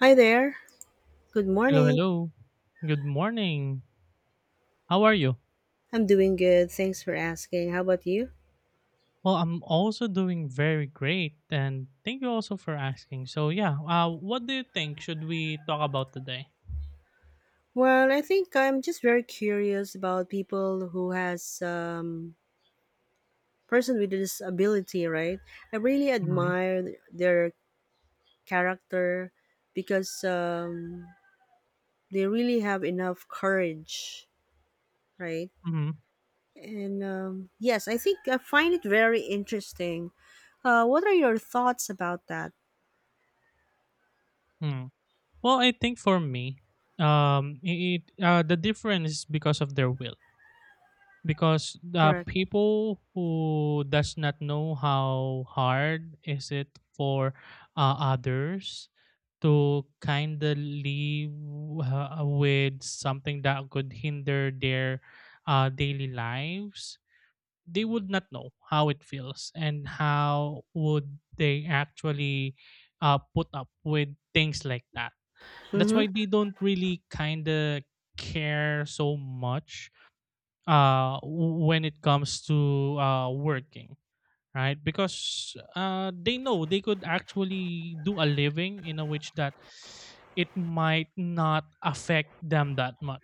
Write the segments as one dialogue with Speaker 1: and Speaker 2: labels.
Speaker 1: Hi there. Good
Speaker 2: Hello,
Speaker 1: morning.
Speaker 2: hello. Good morning. How are you?
Speaker 1: I'm doing good. Thanks for asking. How about you?
Speaker 2: Well, I'm also doing very great, and thank you also for asking. So, yeah, what do you think should we talk about today?
Speaker 1: Well, I think I'm just very curious about people who has person with disability, right? I really
Speaker 2: Hmm.
Speaker 1: admire their character because they really have enough courage, right?
Speaker 2: Hmm.
Speaker 1: And yes, I think I find it very interesting. What are your thoughts about that?
Speaker 2: Hmm. Well, I think for me, um, it the difference is because of their will. Because
Speaker 1: Correct.
Speaker 2: people who does not know how hard is it for others to kindly with something that could hinder their daily lives, they would not know how it feels and how would they actually put up with things like that. That's
Speaker 1: Mm-hmm.
Speaker 2: why they don't really kind of care so much when it comes to working, right? Because they know they could actually do a living in a which that it might not affect them that much.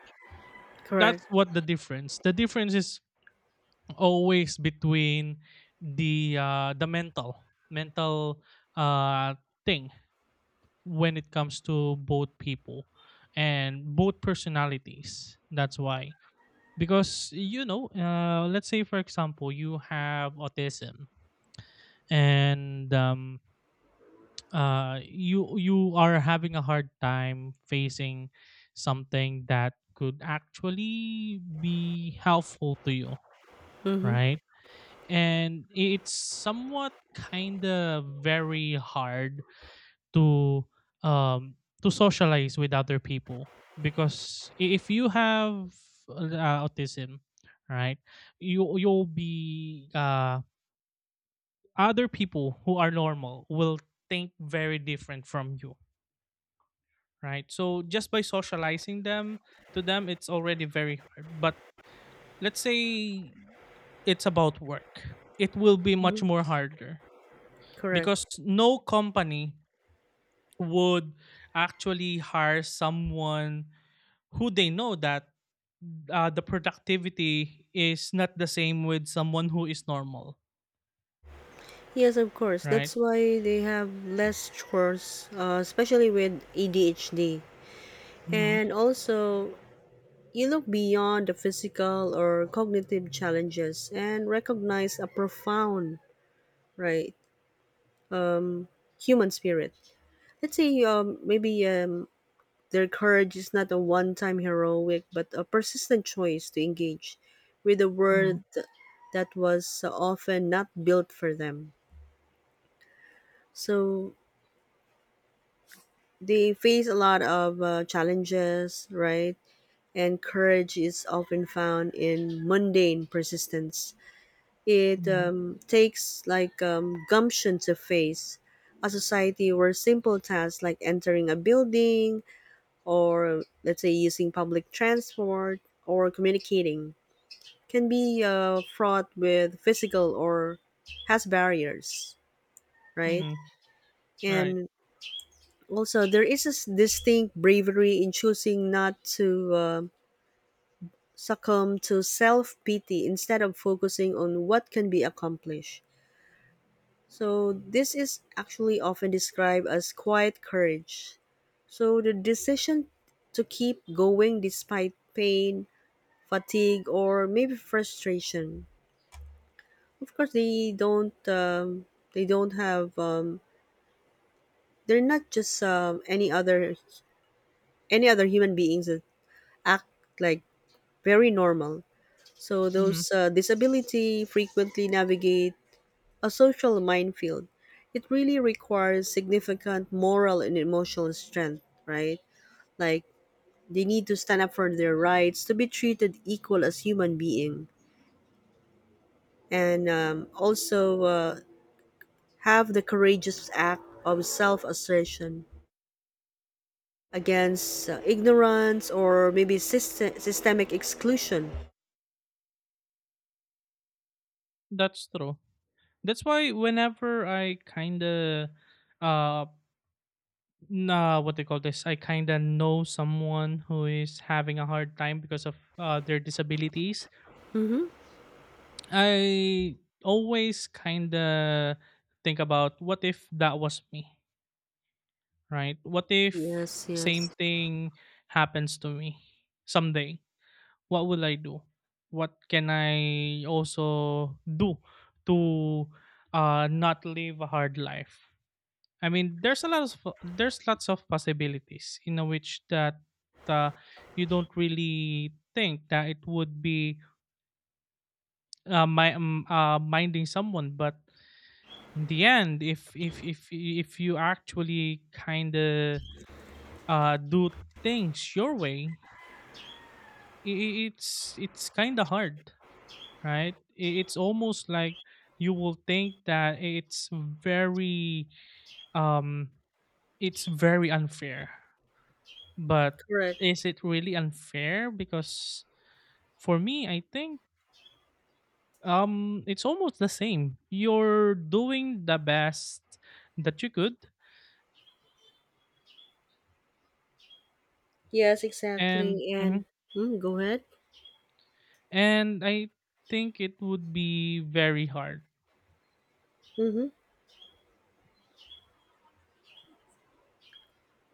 Speaker 2: That's
Speaker 1: Correct.
Speaker 2: what the difference. The difference is always between the mental uh, thing when it comes to both people and both personalities. That's why because let's say for example you have autism and you are having a hard time facing something that could actually be helpful to you,
Speaker 1: Mm-hmm.
Speaker 2: right? And it's somewhat kind of very hard to um socialize with other people, because if you have autism, right, you you'll be other people who are normal will think very different from you, right? So just by socializing them to them, it's already very hard. But let's say it's about work, it will be much
Speaker 1: Mm-hmm.
Speaker 2: more harder, because
Speaker 1: Correct.
Speaker 2: no company would actually hire someone who they know that the productivity is not the same with someone who is normal,
Speaker 1: Yes, of course.
Speaker 2: right?
Speaker 1: That's why they have less chores, especially with ADHD.
Speaker 2: Mm-hmm.
Speaker 1: And also, you look beyond the physical or cognitive challenges and recognize a profound, right, human spirit. Let's say maybe their courage is not a one time heroic, but a persistent choice to engage with a
Speaker 2: Mm-hmm.
Speaker 1: world that was often not built for them. So they face a lot of challenges, right? And courage is often found in mundane persistence. It
Speaker 2: Mm-hmm.
Speaker 1: takes like gumption to face a society where simple tasks like entering a building, or let's say using public transport or communicating, can be fraught with physical or has barriers, right?
Speaker 2: Mm-hmm. Right.
Speaker 1: And also, there is a distinct bravery in choosing not to succumb to self pity instead of focusing on what can be accomplished. So this is actually often described as quiet courage. So the decision to keep going despite pain, fatigue, or maybe frustration. Of course, they don't. They don't have. They're not just any other human beings that act like very normal. So
Speaker 2: Mm-hmm.
Speaker 1: those disability frequently navigate a social minefield. It really requires significant moral and emotional strength, right? Like they need to stand up for their rights to be treated equal as human being, and also have the courageous act of self-assertion against ignorance or maybe systemic exclusion.
Speaker 2: That's true. That's why whenever I kind of uh nah, what they call this. I kind of know someone who is having a hard time because of their disabilities.
Speaker 1: Hmm.
Speaker 2: I always kind of think about, what if that was me, right? What if
Speaker 1: Yes, yes,
Speaker 2: same thing happens to me someday? What will I do? What can I also do to not live a hard life? I mean, there's lots of possibilities in a which that uh, you don't really think that it would be minding someone, but in the end, if you actually kind of do things your way, it's kind of hard, right? It's almost like you will think that very um it's very unfair. But
Speaker 1: correct.
Speaker 2: is it really unfair? Because for me, I think it's almost the same. You're doing the best that you could,
Speaker 1: Yes,
Speaker 2: and
Speaker 1: exactly. And
Speaker 2: mhm.
Speaker 1: mm, go ahead.
Speaker 2: And I think it would be very hard.
Speaker 1: Hmm.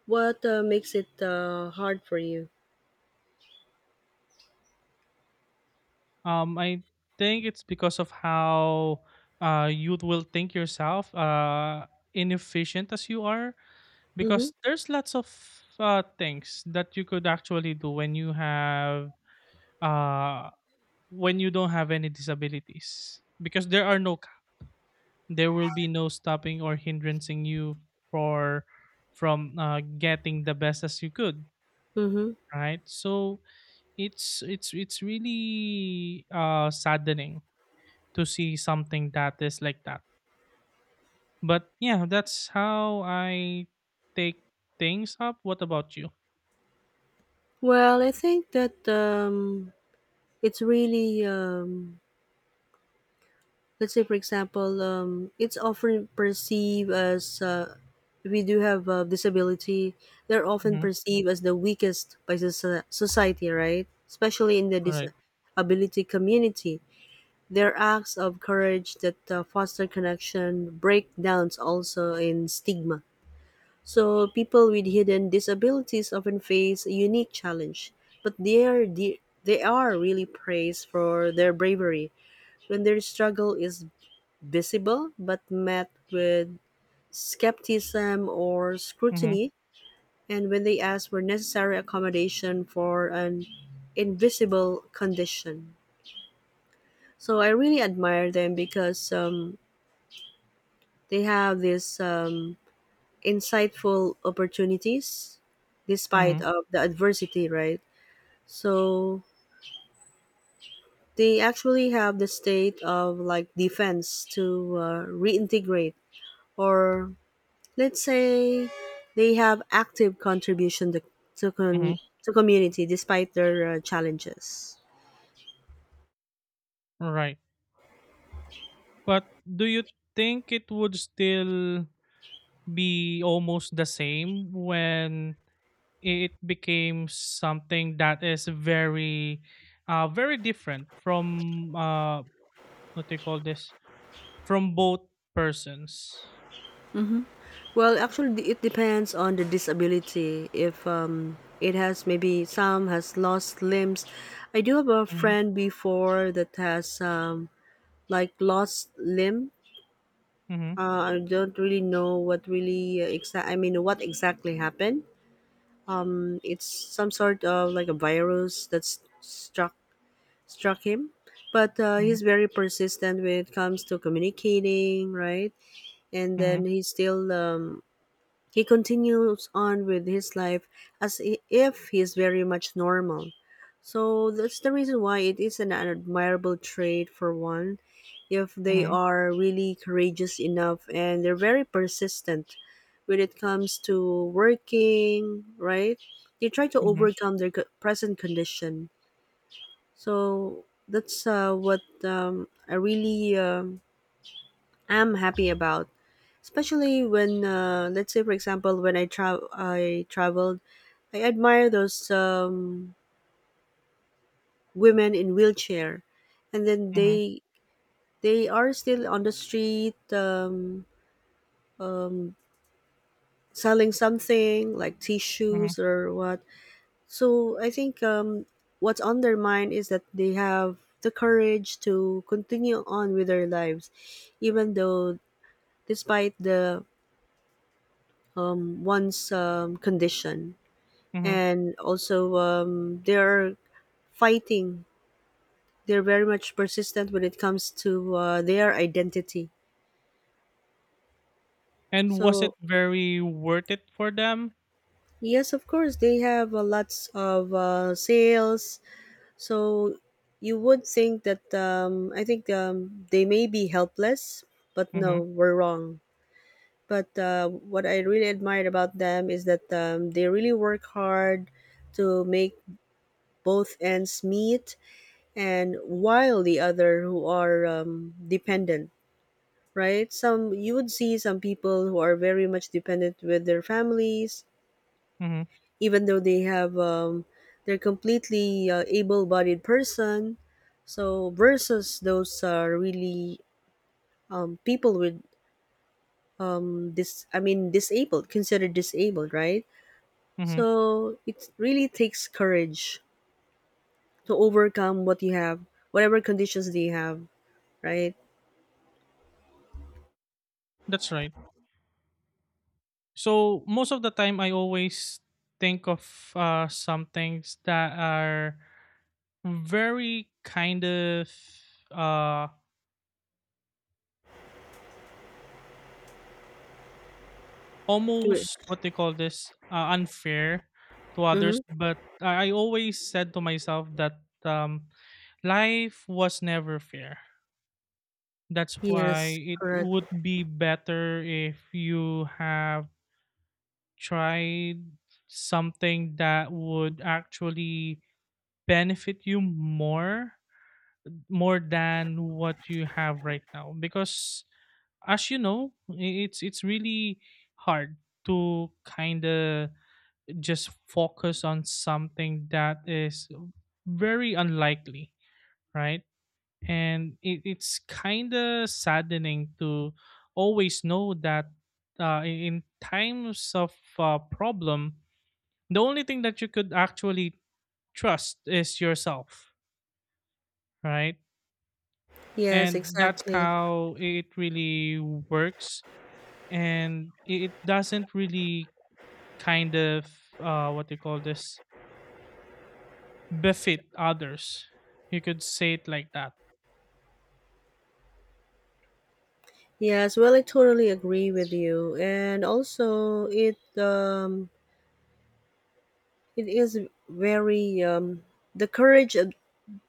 Speaker 1: What makes it hard for you?
Speaker 2: I think it's because of how you will think yourself inefficient as you are,
Speaker 1: Hmm.
Speaker 2: because there's lots of things that you could actually do when uh you don't have any disabilities, because there will be no stopping or hindrancing you for from getting the best as you could,
Speaker 1: Hmm.
Speaker 2: right? So it's really saddening to see something that is like that. But yeah, that's how I take things up. What about you?
Speaker 1: Well, I think that it's really, let's say, for example, it's often perceived as if we do have a disability, they're often
Speaker 2: Hmm.
Speaker 1: perceived as the weakest by society, right? Especially in the
Speaker 2: Right.
Speaker 1: disability community. Their acts of courage that foster connection break downs also in stigma. So people with hidden disabilities often face a unique challenge, but they are really praised for their bravery when their struggle is visible but met with skepticism or
Speaker 2: Hmm.
Speaker 1: scrutiny, and when they ask for necessary accommodation for an invisible condition. So I really admire them because they have these insightful opportunities despite
Speaker 2: Hmm.
Speaker 1: of the adversity, right? So they actually have the state of like defense to reintegrate, or let's say they have active contribution to,
Speaker 2: Hmm.
Speaker 1: con- to community despite their challenges.
Speaker 2: Right. But do you think it would still be almost the same when it became something that is very different from what they call this, from both persons?
Speaker 1: Well, actually, it depends on the disability. If it has maybe some has lost limbs. I do have a
Speaker 2: Mhm,
Speaker 1: friend before that has like lost limb.
Speaker 2: mhm,
Speaker 1: I don't really know what really I mean, what exactly happened. It's some sort of like a virus that's struck him. But
Speaker 2: mhm,
Speaker 1: he's very persistent when it comes to communicating, right? And
Speaker 2: mhm,
Speaker 1: then he's still he continues on with his life as if he's very much normal. So that's the reason why it is an admirable trait for one if they
Speaker 2: mhm,
Speaker 1: are really courageous enough and they're very persistent when it comes to working, right? They try to
Speaker 2: mhm,
Speaker 1: overcome their present condition. So that's what I really am happy about, especially when let's say for example when i traveled, I admire those women in wheelchair, and then
Speaker 2: mhm,
Speaker 1: they are still on the street selling something like
Speaker 2: mhm,
Speaker 1: tissues or what. So I think what's on their mind is that they have the courage to continue on with their lives even though, despite the one's condition.
Speaker 2: mhm.
Speaker 1: And also they're fighting, they're very much persistent when it comes to their identity.
Speaker 2: And was it
Speaker 1: So
Speaker 2: very worth it for them?
Speaker 1: yes of course they have lots of sales. So you would think that I think they may be helpless, but
Speaker 2: Hmm.
Speaker 1: no we're wrong. But what I really admired about them is that they really work hard to make both ends meet. And while the other who are dependent, right, some, you would see some people who are very much dependent with their families
Speaker 2: Hmm.
Speaker 1: even though they have they're completely able-bodied person. So versus those are really people with this I mean disabled, considered disabled, right?
Speaker 2: Hmm.
Speaker 1: So it really takes courage to overcome what you have, whatever conditions they have, right?
Speaker 2: That's right. So most of the time I always think of some things that are very kind of uh
Speaker 1: Do
Speaker 2: almost, what they call this, unfair to others.
Speaker 1: it.
Speaker 2: But I always said to myself that life was never fair. That's why
Speaker 1: Yes,
Speaker 2: it
Speaker 1: correct.
Speaker 2: would be better if you have tried something that would actually benefit you more than what you have right now, because as you know, it's really hard to kind of just focus on something that is very unlikely, right? And it's kind of saddening to always know that in times of problem, the only thing that you could actually trust is yourself, right?
Speaker 1: Yes,
Speaker 2: And that's
Speaker 1: exactly.
Speaker 2: how it really works. And it doesn't really kind of, what do you call this, befit others. You could say it like that.
Speaker 1: Yes, well, I totally agree with you, and also it is very the courage of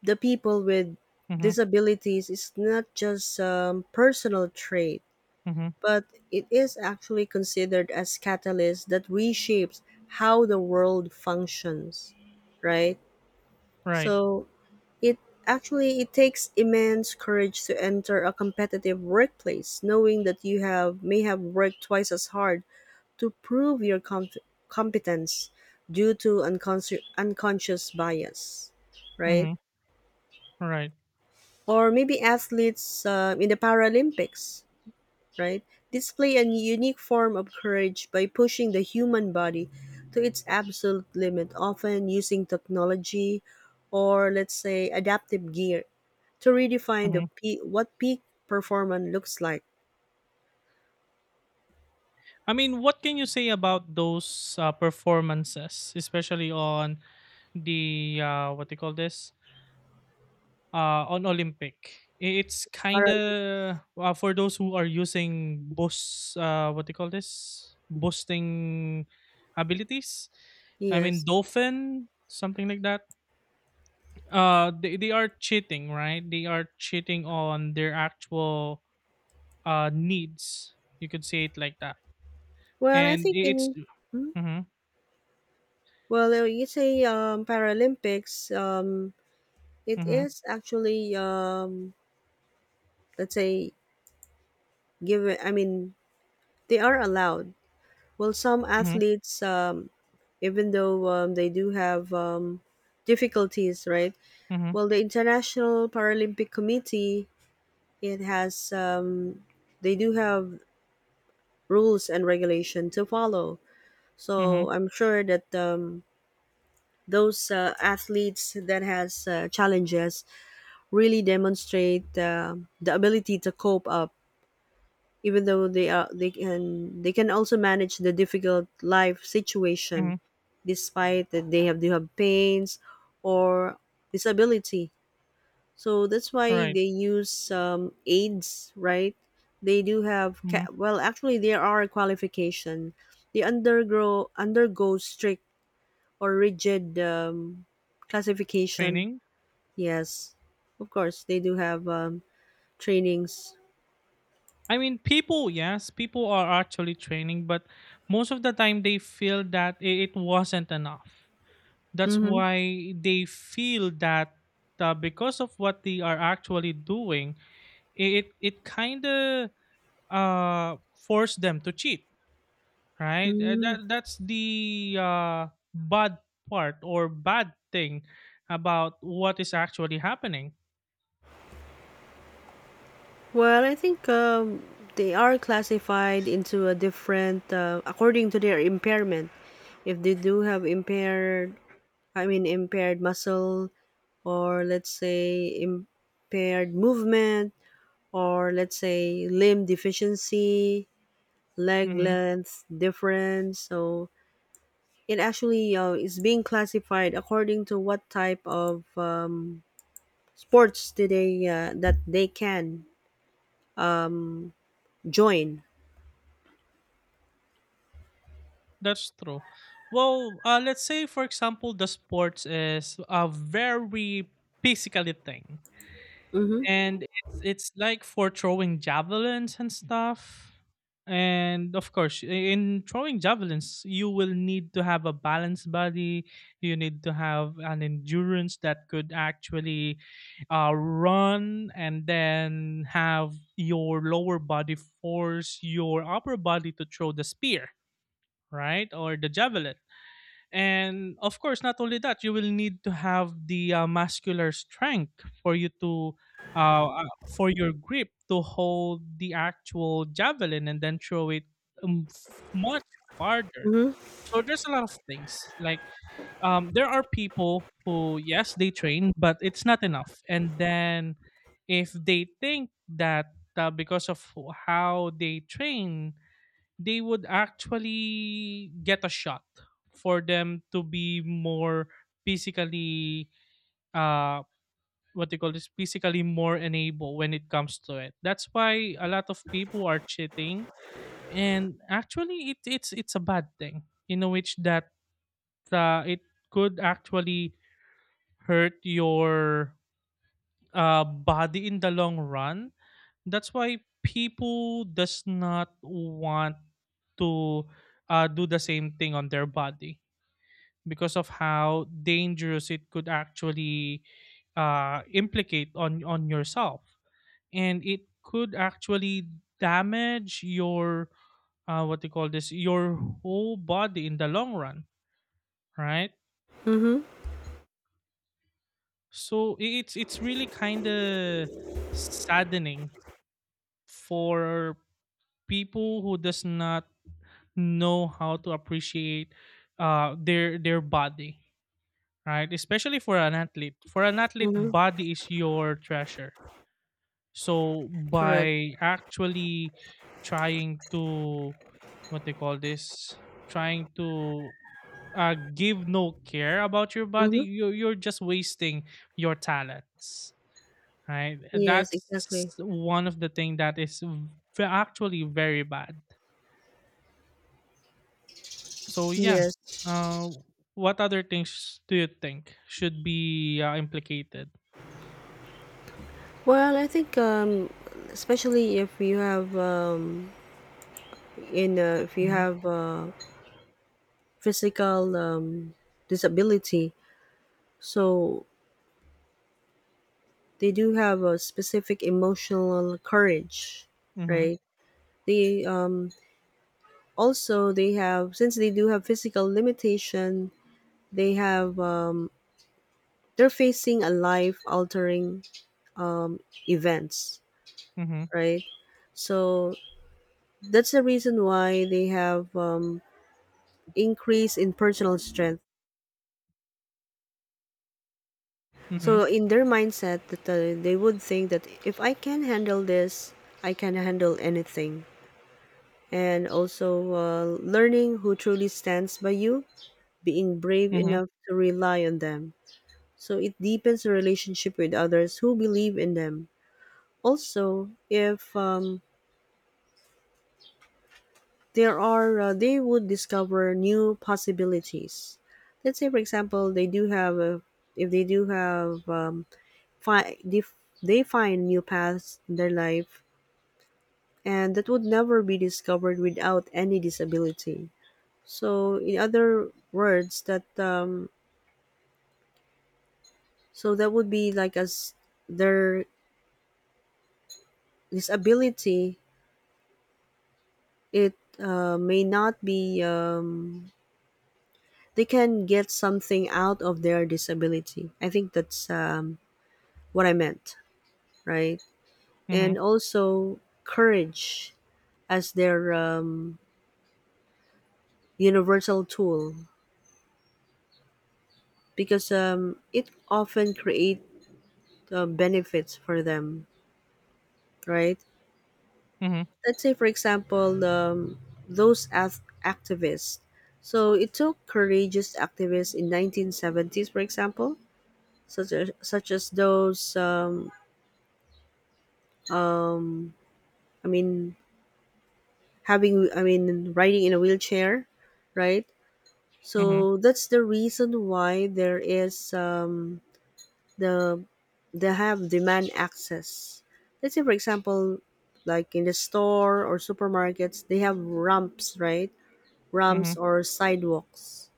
Speaker 1: the people with
Speaker 2: Mm-hmm.
Speaker 1: disabilities is not just personal trait,
Speaker 2: Mm-hmm.
Speaker 1: but it is actually considered as catalyst that reshapes how the world functions, right?
Speaker 2: Right.
Speaker 1: So it actually it takes immense courage to enter a competitive workplace, knowing that you have may have worked twice as hard to prove your competence due to unconscious bias, right?
Speaker 2: Mm-hmm. Right.
Speaker 1: Or maybe athletes in the Paralympics, right, display a unique form of courage by pushing the human body to its absolute limit, often using technology or, let's say, adaptive gear to redefine
Speaker 2: Mm-hmm.
Speaker 1: what peak performance looks like.
Speaker 2: I mean, what can you say about those performances, especially on the what do you call this, on Olympic? It's kind
Speaker 1: Paralympics,
Speaker 2: of for those who are using boost, what do you call this? Boosting abilities. I mean,
Speaker 1: yes.
Speaker 2: dolphin, something like that. They are cheating, right? They are cheating on their actual needs. You could say it like that.
Speaker 1: Well, I
Speaker 2: And
Speaker 1: think
Speaker 2: I- it's.
Speaker 1: in hmm?
Speaker 2: Mm-hmm,
Speaker 1: Well, you say Paralympics. It
Speaker 2: mm-hmm,
Speaker 1: is actually let's say given. I mean, they are allowed. Well, some
Speaker 2: mm-hmm,
Speaker 1: athletes even though they do have difficulties, right?
Speaker 2: mm-hmm,
Speaker 1: Well, the International Paralympic Committee, it has, um, they do have rules and regulation to follow.
Speaker 2: mm-hmm,
Speaker 1: So I'm sure that those athletes that has challenges really demonstrate the ability to cope up even though they can also manage the difficult life situation
Speaker 2: mm-hmm,
Speaker 1: despite that they have pains or disability. So that's why
Speaker 2: right.
Speaker 1: they use aids, right? They do have
Speaker 2: Mm-hmm.
Speaker 1: well actually there are a qualification. They undergo strict or rigid classification.
Speaker 2: Training.
Speaker 1: Yes, of course they do have trainings.
Speaker 2: I mean, people, yes, people are actually training, but most of the time they feel that it wasn't enough. That's
Speaker 1: Mm-hmm.
Speaker 2: why they feel that because of what they are actually doing, it kind of forced them to cheat, right? Uh,
Speaker 1: Mm-hmm.
Speaker 2: That that's the bad part or bad thing about what is actually happening.
Speaker 1: Well, I think they are classified into a different according to their impairment. If they do have impaired, I mean impaired muscle, or let's say impaired movement, or let's say limb deficiency, leg
Speaker 2: Hmm.
Speaker 1: length difference. So it actually is being classified according to what type of sports do they that they can join.
Speaker 2: That's true. Well, let's say for example, the sports is a very physically thing,
Speaker 1: Mm-hmm.
Speaker 2: and it's like for throwing javelins and stuff. And of course, in throwing javelins you will need to have a balanced body. You need to have an endurance that could actually run and then have your lower body force your upper body to throw the spear, right, or the javelin. And of course, not only that, you will need to have the muscular strength for uh, uh, your grip to hold the actual javelin and then throw it much farther.
Speaker 1: Mm-hmm.
Speaker 2: So there's a lot of things. Like, there are people who, yes, they train, but it's not enough. And then if they think that because of how they train, they would actually get a shot for them to be more physically, uh what they call this, physically more enabled when it comes to it. That's why a lot of people are cheating, and actually it's a bad thing in a which that it could actually hurt your body in the long run. That's why people does not want to do the same thing on their body, because of how dangerous it could actually implicate on yourself, and it could actually damage your what do you call this, your whole body in the long run, right?
Speaker 1: Mm-hmm.
Speaker 2: So it's really kind of saddening for people who does not know how to appreciate their body, right? Especially for an athlete. For an athlete,
Speaker 1: Mhm.
Speaker 2: body is your treasure. So
Speaker 1: Correct.
Speaker 2: by actually trying to, what they call this, trying to give no care about your body,
Speaker 1: Mhm.
Speaker 2: you're just wasting your talents, right?
Speaker 1: Yes, exactly.
Speaker 2: That's one of the thing that is actually very bad. So yeah,
Speaker 1: Yes.
Speaker 2: uh, what other things do you think should be implicated?
Speaker 1: Well, I think especially if you have in if you
Speaker 2: Mhm,
Speaker 1: have physical disability, so they do have a specific emotional courage,
Speaker 2: mhm,
Speaker 1: right? They also they have since they do have physical limitation, they have they're facing a life altering events,
Speaker 2: mhm,
Speaker 1: right? So that's the reason why they have increase in personal strength,
Speaker 2: mhm,
Speaker 1: so in their mindset that they would think that if I can handle this I can handle anything. And also learning who truly stands by you, being brave
Speaker 2: mhm,
Speaker 1: enough to rely on them, so it deepens the relationship with others who believe in them. Also if there are they would discover new possibilities. Let's say for example, they do have a, if they do have fi- they, they find new paths in their life, and that would never be discovered without any disability. So in other words that so that would be like as their disability, it may not be they can get something out of their disability. I think that's what I meant, right?
Speaker 2: mhm,
Speaker 1: And also courage as their universal tool, because it often create benefits for them, right?
Speaker 2: mhm,
Speaker 1: Let's say, for example, those as activists. So it took courageous activists in 1970s, for example, such as those. Um, I mean, having I mean, riding in a wheelchair, right?
Speaker 2: mhm,
Speaker 1: So that's the reason why there is the they have demand access. Let's say for example, like in the store or supermarkets, they have ramps, right?
Speaker 2: mhm,
Speaker 1: Ramps or sidewalks.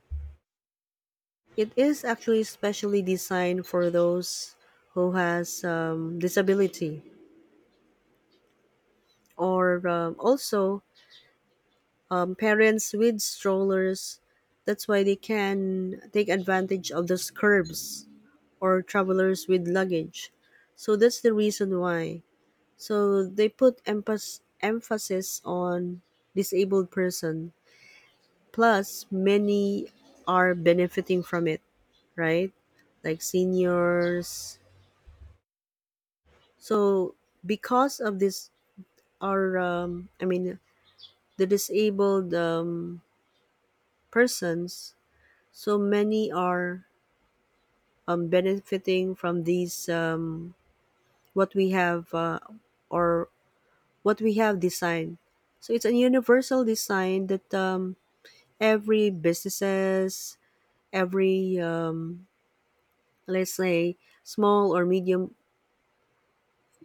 Speaker 1: It is actually specially designed for those who has disability, or also parents with strollers. That's why they can take advantage of those curbs or travelers with luggage. So that's the reason why. So they put emphasis on disabled person. Plus, many are benefiting from it, right? Like seniors. So because of this, our I mean the disabled persons. So many are benefiting from these what we have or what we have designed. So it's a universal design that every businesses, every let's say small or medium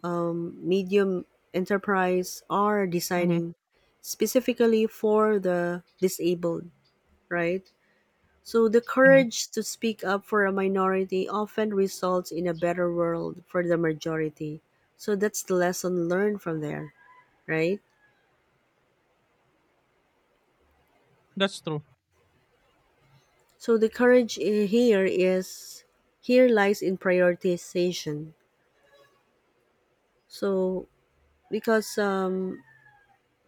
Speaker 1: medium enterprise are
Speaker 2: mhm,
Speaker 1: designing specifically for the disabled, right? So the
Speaker 2: mhm.
Speaker 1: courage to speak up for a minority often results in a better world for the majority. So that's the lesson learned from there, right?
Speaker 2: That's true.
Speaker 1: So the courage here is here lies in prioritization. So because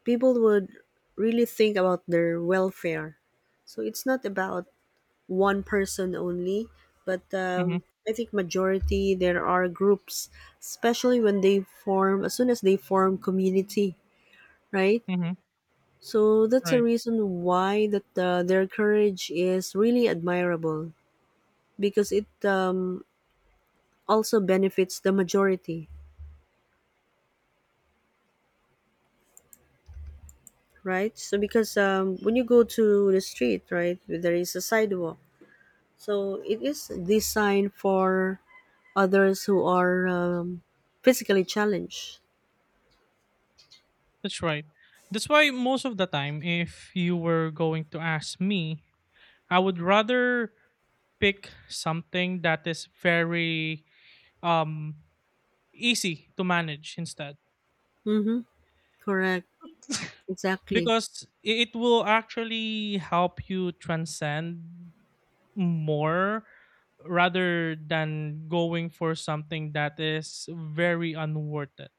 Speaker 1: people would really think about their welfare. So it's not about one person only, but
Speaker 2: Mhm,
Speaker 1: I think majority there are groups, especially when they form as soon as they form community, right?
Speaker 2: mhm.
Speaker 1: So that's a
Speaker 2: Right.
Speaker 1: reason why that their courage is really admirable because it also benefits the majority, right? So because when you go to the street, right, there is a sidewalk. So it is designed for others who are physically challenged.
Speaker 2: That's right. That's why most of the time, if you were going to ask me, I would rather pick something that is very um easy to manage instead.
Speaker 1: Mm-hmm. Correct. Exactly.
Speaker 2: Because it will actually help you transcend more rather than going for something that is very unworth it,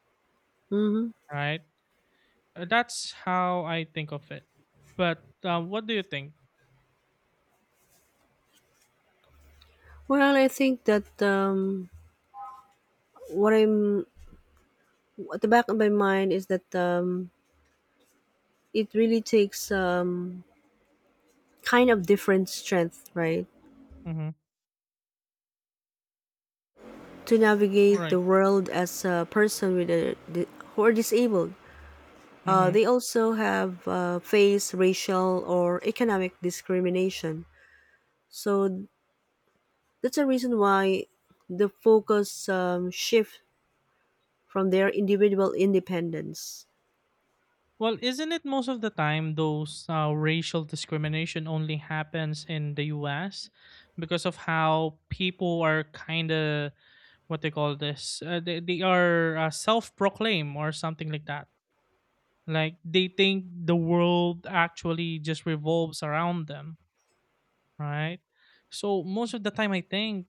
Speaker 1: Mm-hmm.
Speaker 2: right? That's how I think of it, but what do you think?
Speaker 1: Well, I think that what I'm at the back of my mind is that it really takes kind of different strength, right?
Speaker 2: Mm-hmm.
Speaker 1: To navigate
Speaker 2: Right.
Speaker 1: the world as a person with a who are disabled.
Speaker 2: Mm-hmm.
Speaker 1: They also have faced racial or economic discrimination. So that's a reason why the focus shift from their individual independence.
Speaker 2: Well, isn't it most of the time those racial discrimination only happens in the US, because of how people are kind of, what they call this, they are self-proclaim or something like that, like they think the world actually just revolves around them, right? So most of the time I think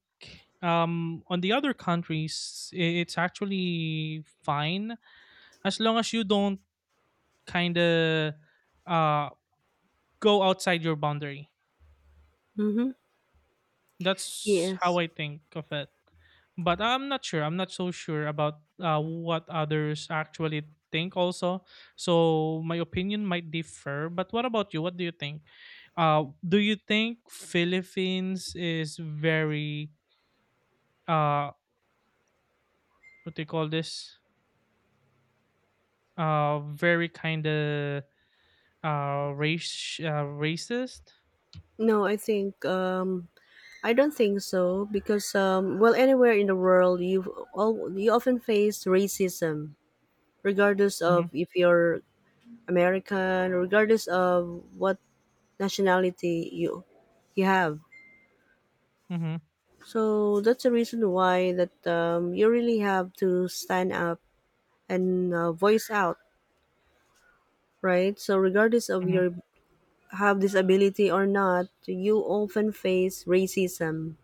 Speaker 2: on the other countries it's actually fine, as long as you don't kind of uh go outside your boundary.
Speaker 1: Mm-hmm.
Speaker 2: That's how
Speaker 1: Yes.
Speaker 2: I think of it. But I'm not sure. I'm not so sure about what others actually think also. So my opinion might differ. But what about you? What do you think? Do you think Philippines is very, uh what do you call this, very kind of race racist?
Speaker 1: No, I think I don't think so because well, anywhere in the world, you often face racism, regardless
Speaker 2: Mm-hmm,
Speaker 1: of if you're American, regardless of what nationality you have.
Speaker 2: mm-hmm,
Speaker 1: So that's the reason why that you really have to stand up and voice out, right? So regardless of
Speaker 2: mm-hmm,
Speaker 1: your have disability or not, you often face racism,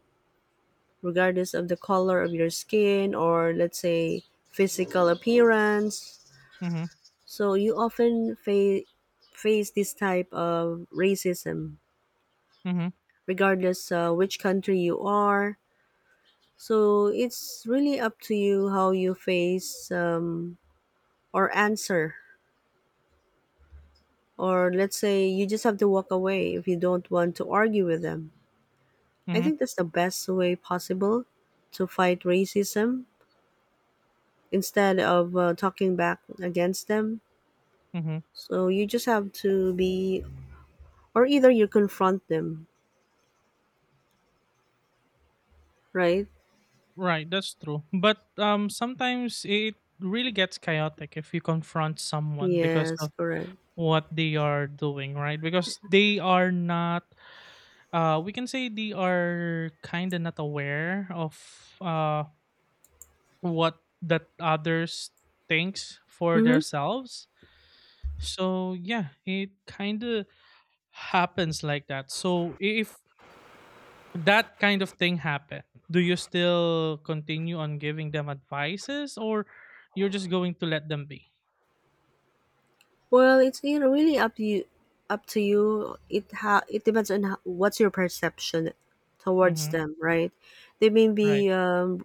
Speaker 1: regardless of the color of your skin or let's say physical appearance.
Speaker 2: mm-hmm,
Speaker 1: So you often face this type of racism,
Speaker 2: mm-hmm,
Speaker 1: regardless which country you are. So it's really up to you how you face or answer, or let's say you just have to walk away if you don't want to argue with them. I
Speaker 2: mm-hmm.
Speaker 1: think that's the best way possible to fight racism instead of talking back against them.
Speaker 2: Mm-hmm.
Speaker 1: So you just have to be, or either you confront them, right?
Speaker 2: Right, that's true. But sometimes it really gets chaotic if you confront someone because
Speaker 1: Yes,
Speaker 2: of
Speaker 1: correct.
Speaker 2: what they are doing, right? Because they are not, we can say they are kind of not aware of what that others thinks for
Speaker 1: Mm-hmm.
Speaker 2: themselves. So yeah, it kind of happens like that. So if that kind of thing happen, do you still continue on giving them advices, or you're just going to let them be?
Speaker 1: Well, it's, you know, really up to you. Up to you, it depends on what's your perception towards
Speaker 2: Mm-hmm.
Speaker 1: them, right? They may
Speaker 2: Right.
Speaker 1: be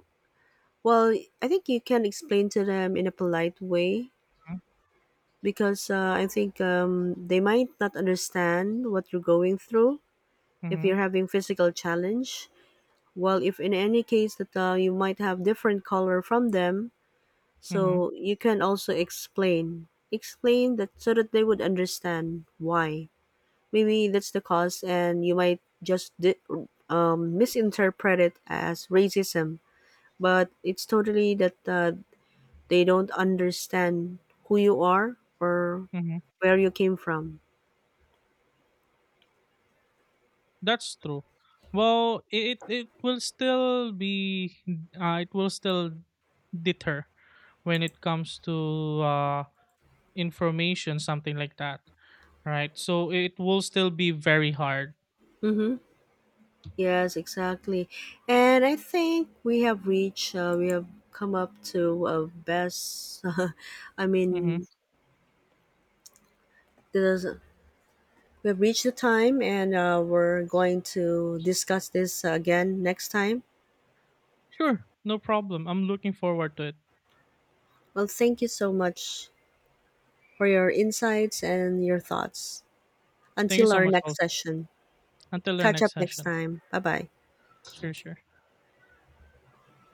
Speaker 1: well, I think you can explain to them in a polite way,
Speaker 2: Mm-hmm.
Speaker 1: because I think they might not understand what you're going through if
Speaker 2: Mm-hmm.
Speaker 1: you're having physical challenge. Well, if in any case that you might have different color from them,
Speaker 2: Mm-hmm.
Speaker 1: so you can also explain that so that they would understand why. Maybe that's the cause, and you might just misinterpret it as racism, but it's totally that. They don't understand who you are or
Speaker 2: Mm-hmm.
Speaker 1: where you came from.
Speaker 2: That's true. Well, it will still deter when it comes to information, something like that, right? So it will still be very hard.
Speaker 1: Mm-hmm. Yes, exactly. And I think we have come up to best, I
Speaker 2: Mm-hmm.
Speaker 1: mean, there's, we have reached the time and we're going to discuss this again next time.
Speaker 2: Sure, no problem. I'm looking forward to it.
Speaker 1: Well, thank you so much for your insights and your thoughts.
Speaker 2: Thank you
Speaker 1: Until
Speaker 2: so
Speaker 1: our
Speaker 2: much.
Speaker 1: next
Speaker 2: Also,
Speaker 1: session,
Speaker 2: until our
Speaker 1: catch up
Speaker 2: next
Speaker 1: next
Speaker 2: session.
Speaker 1: time. Bye bye.
Speaker 2: 是是，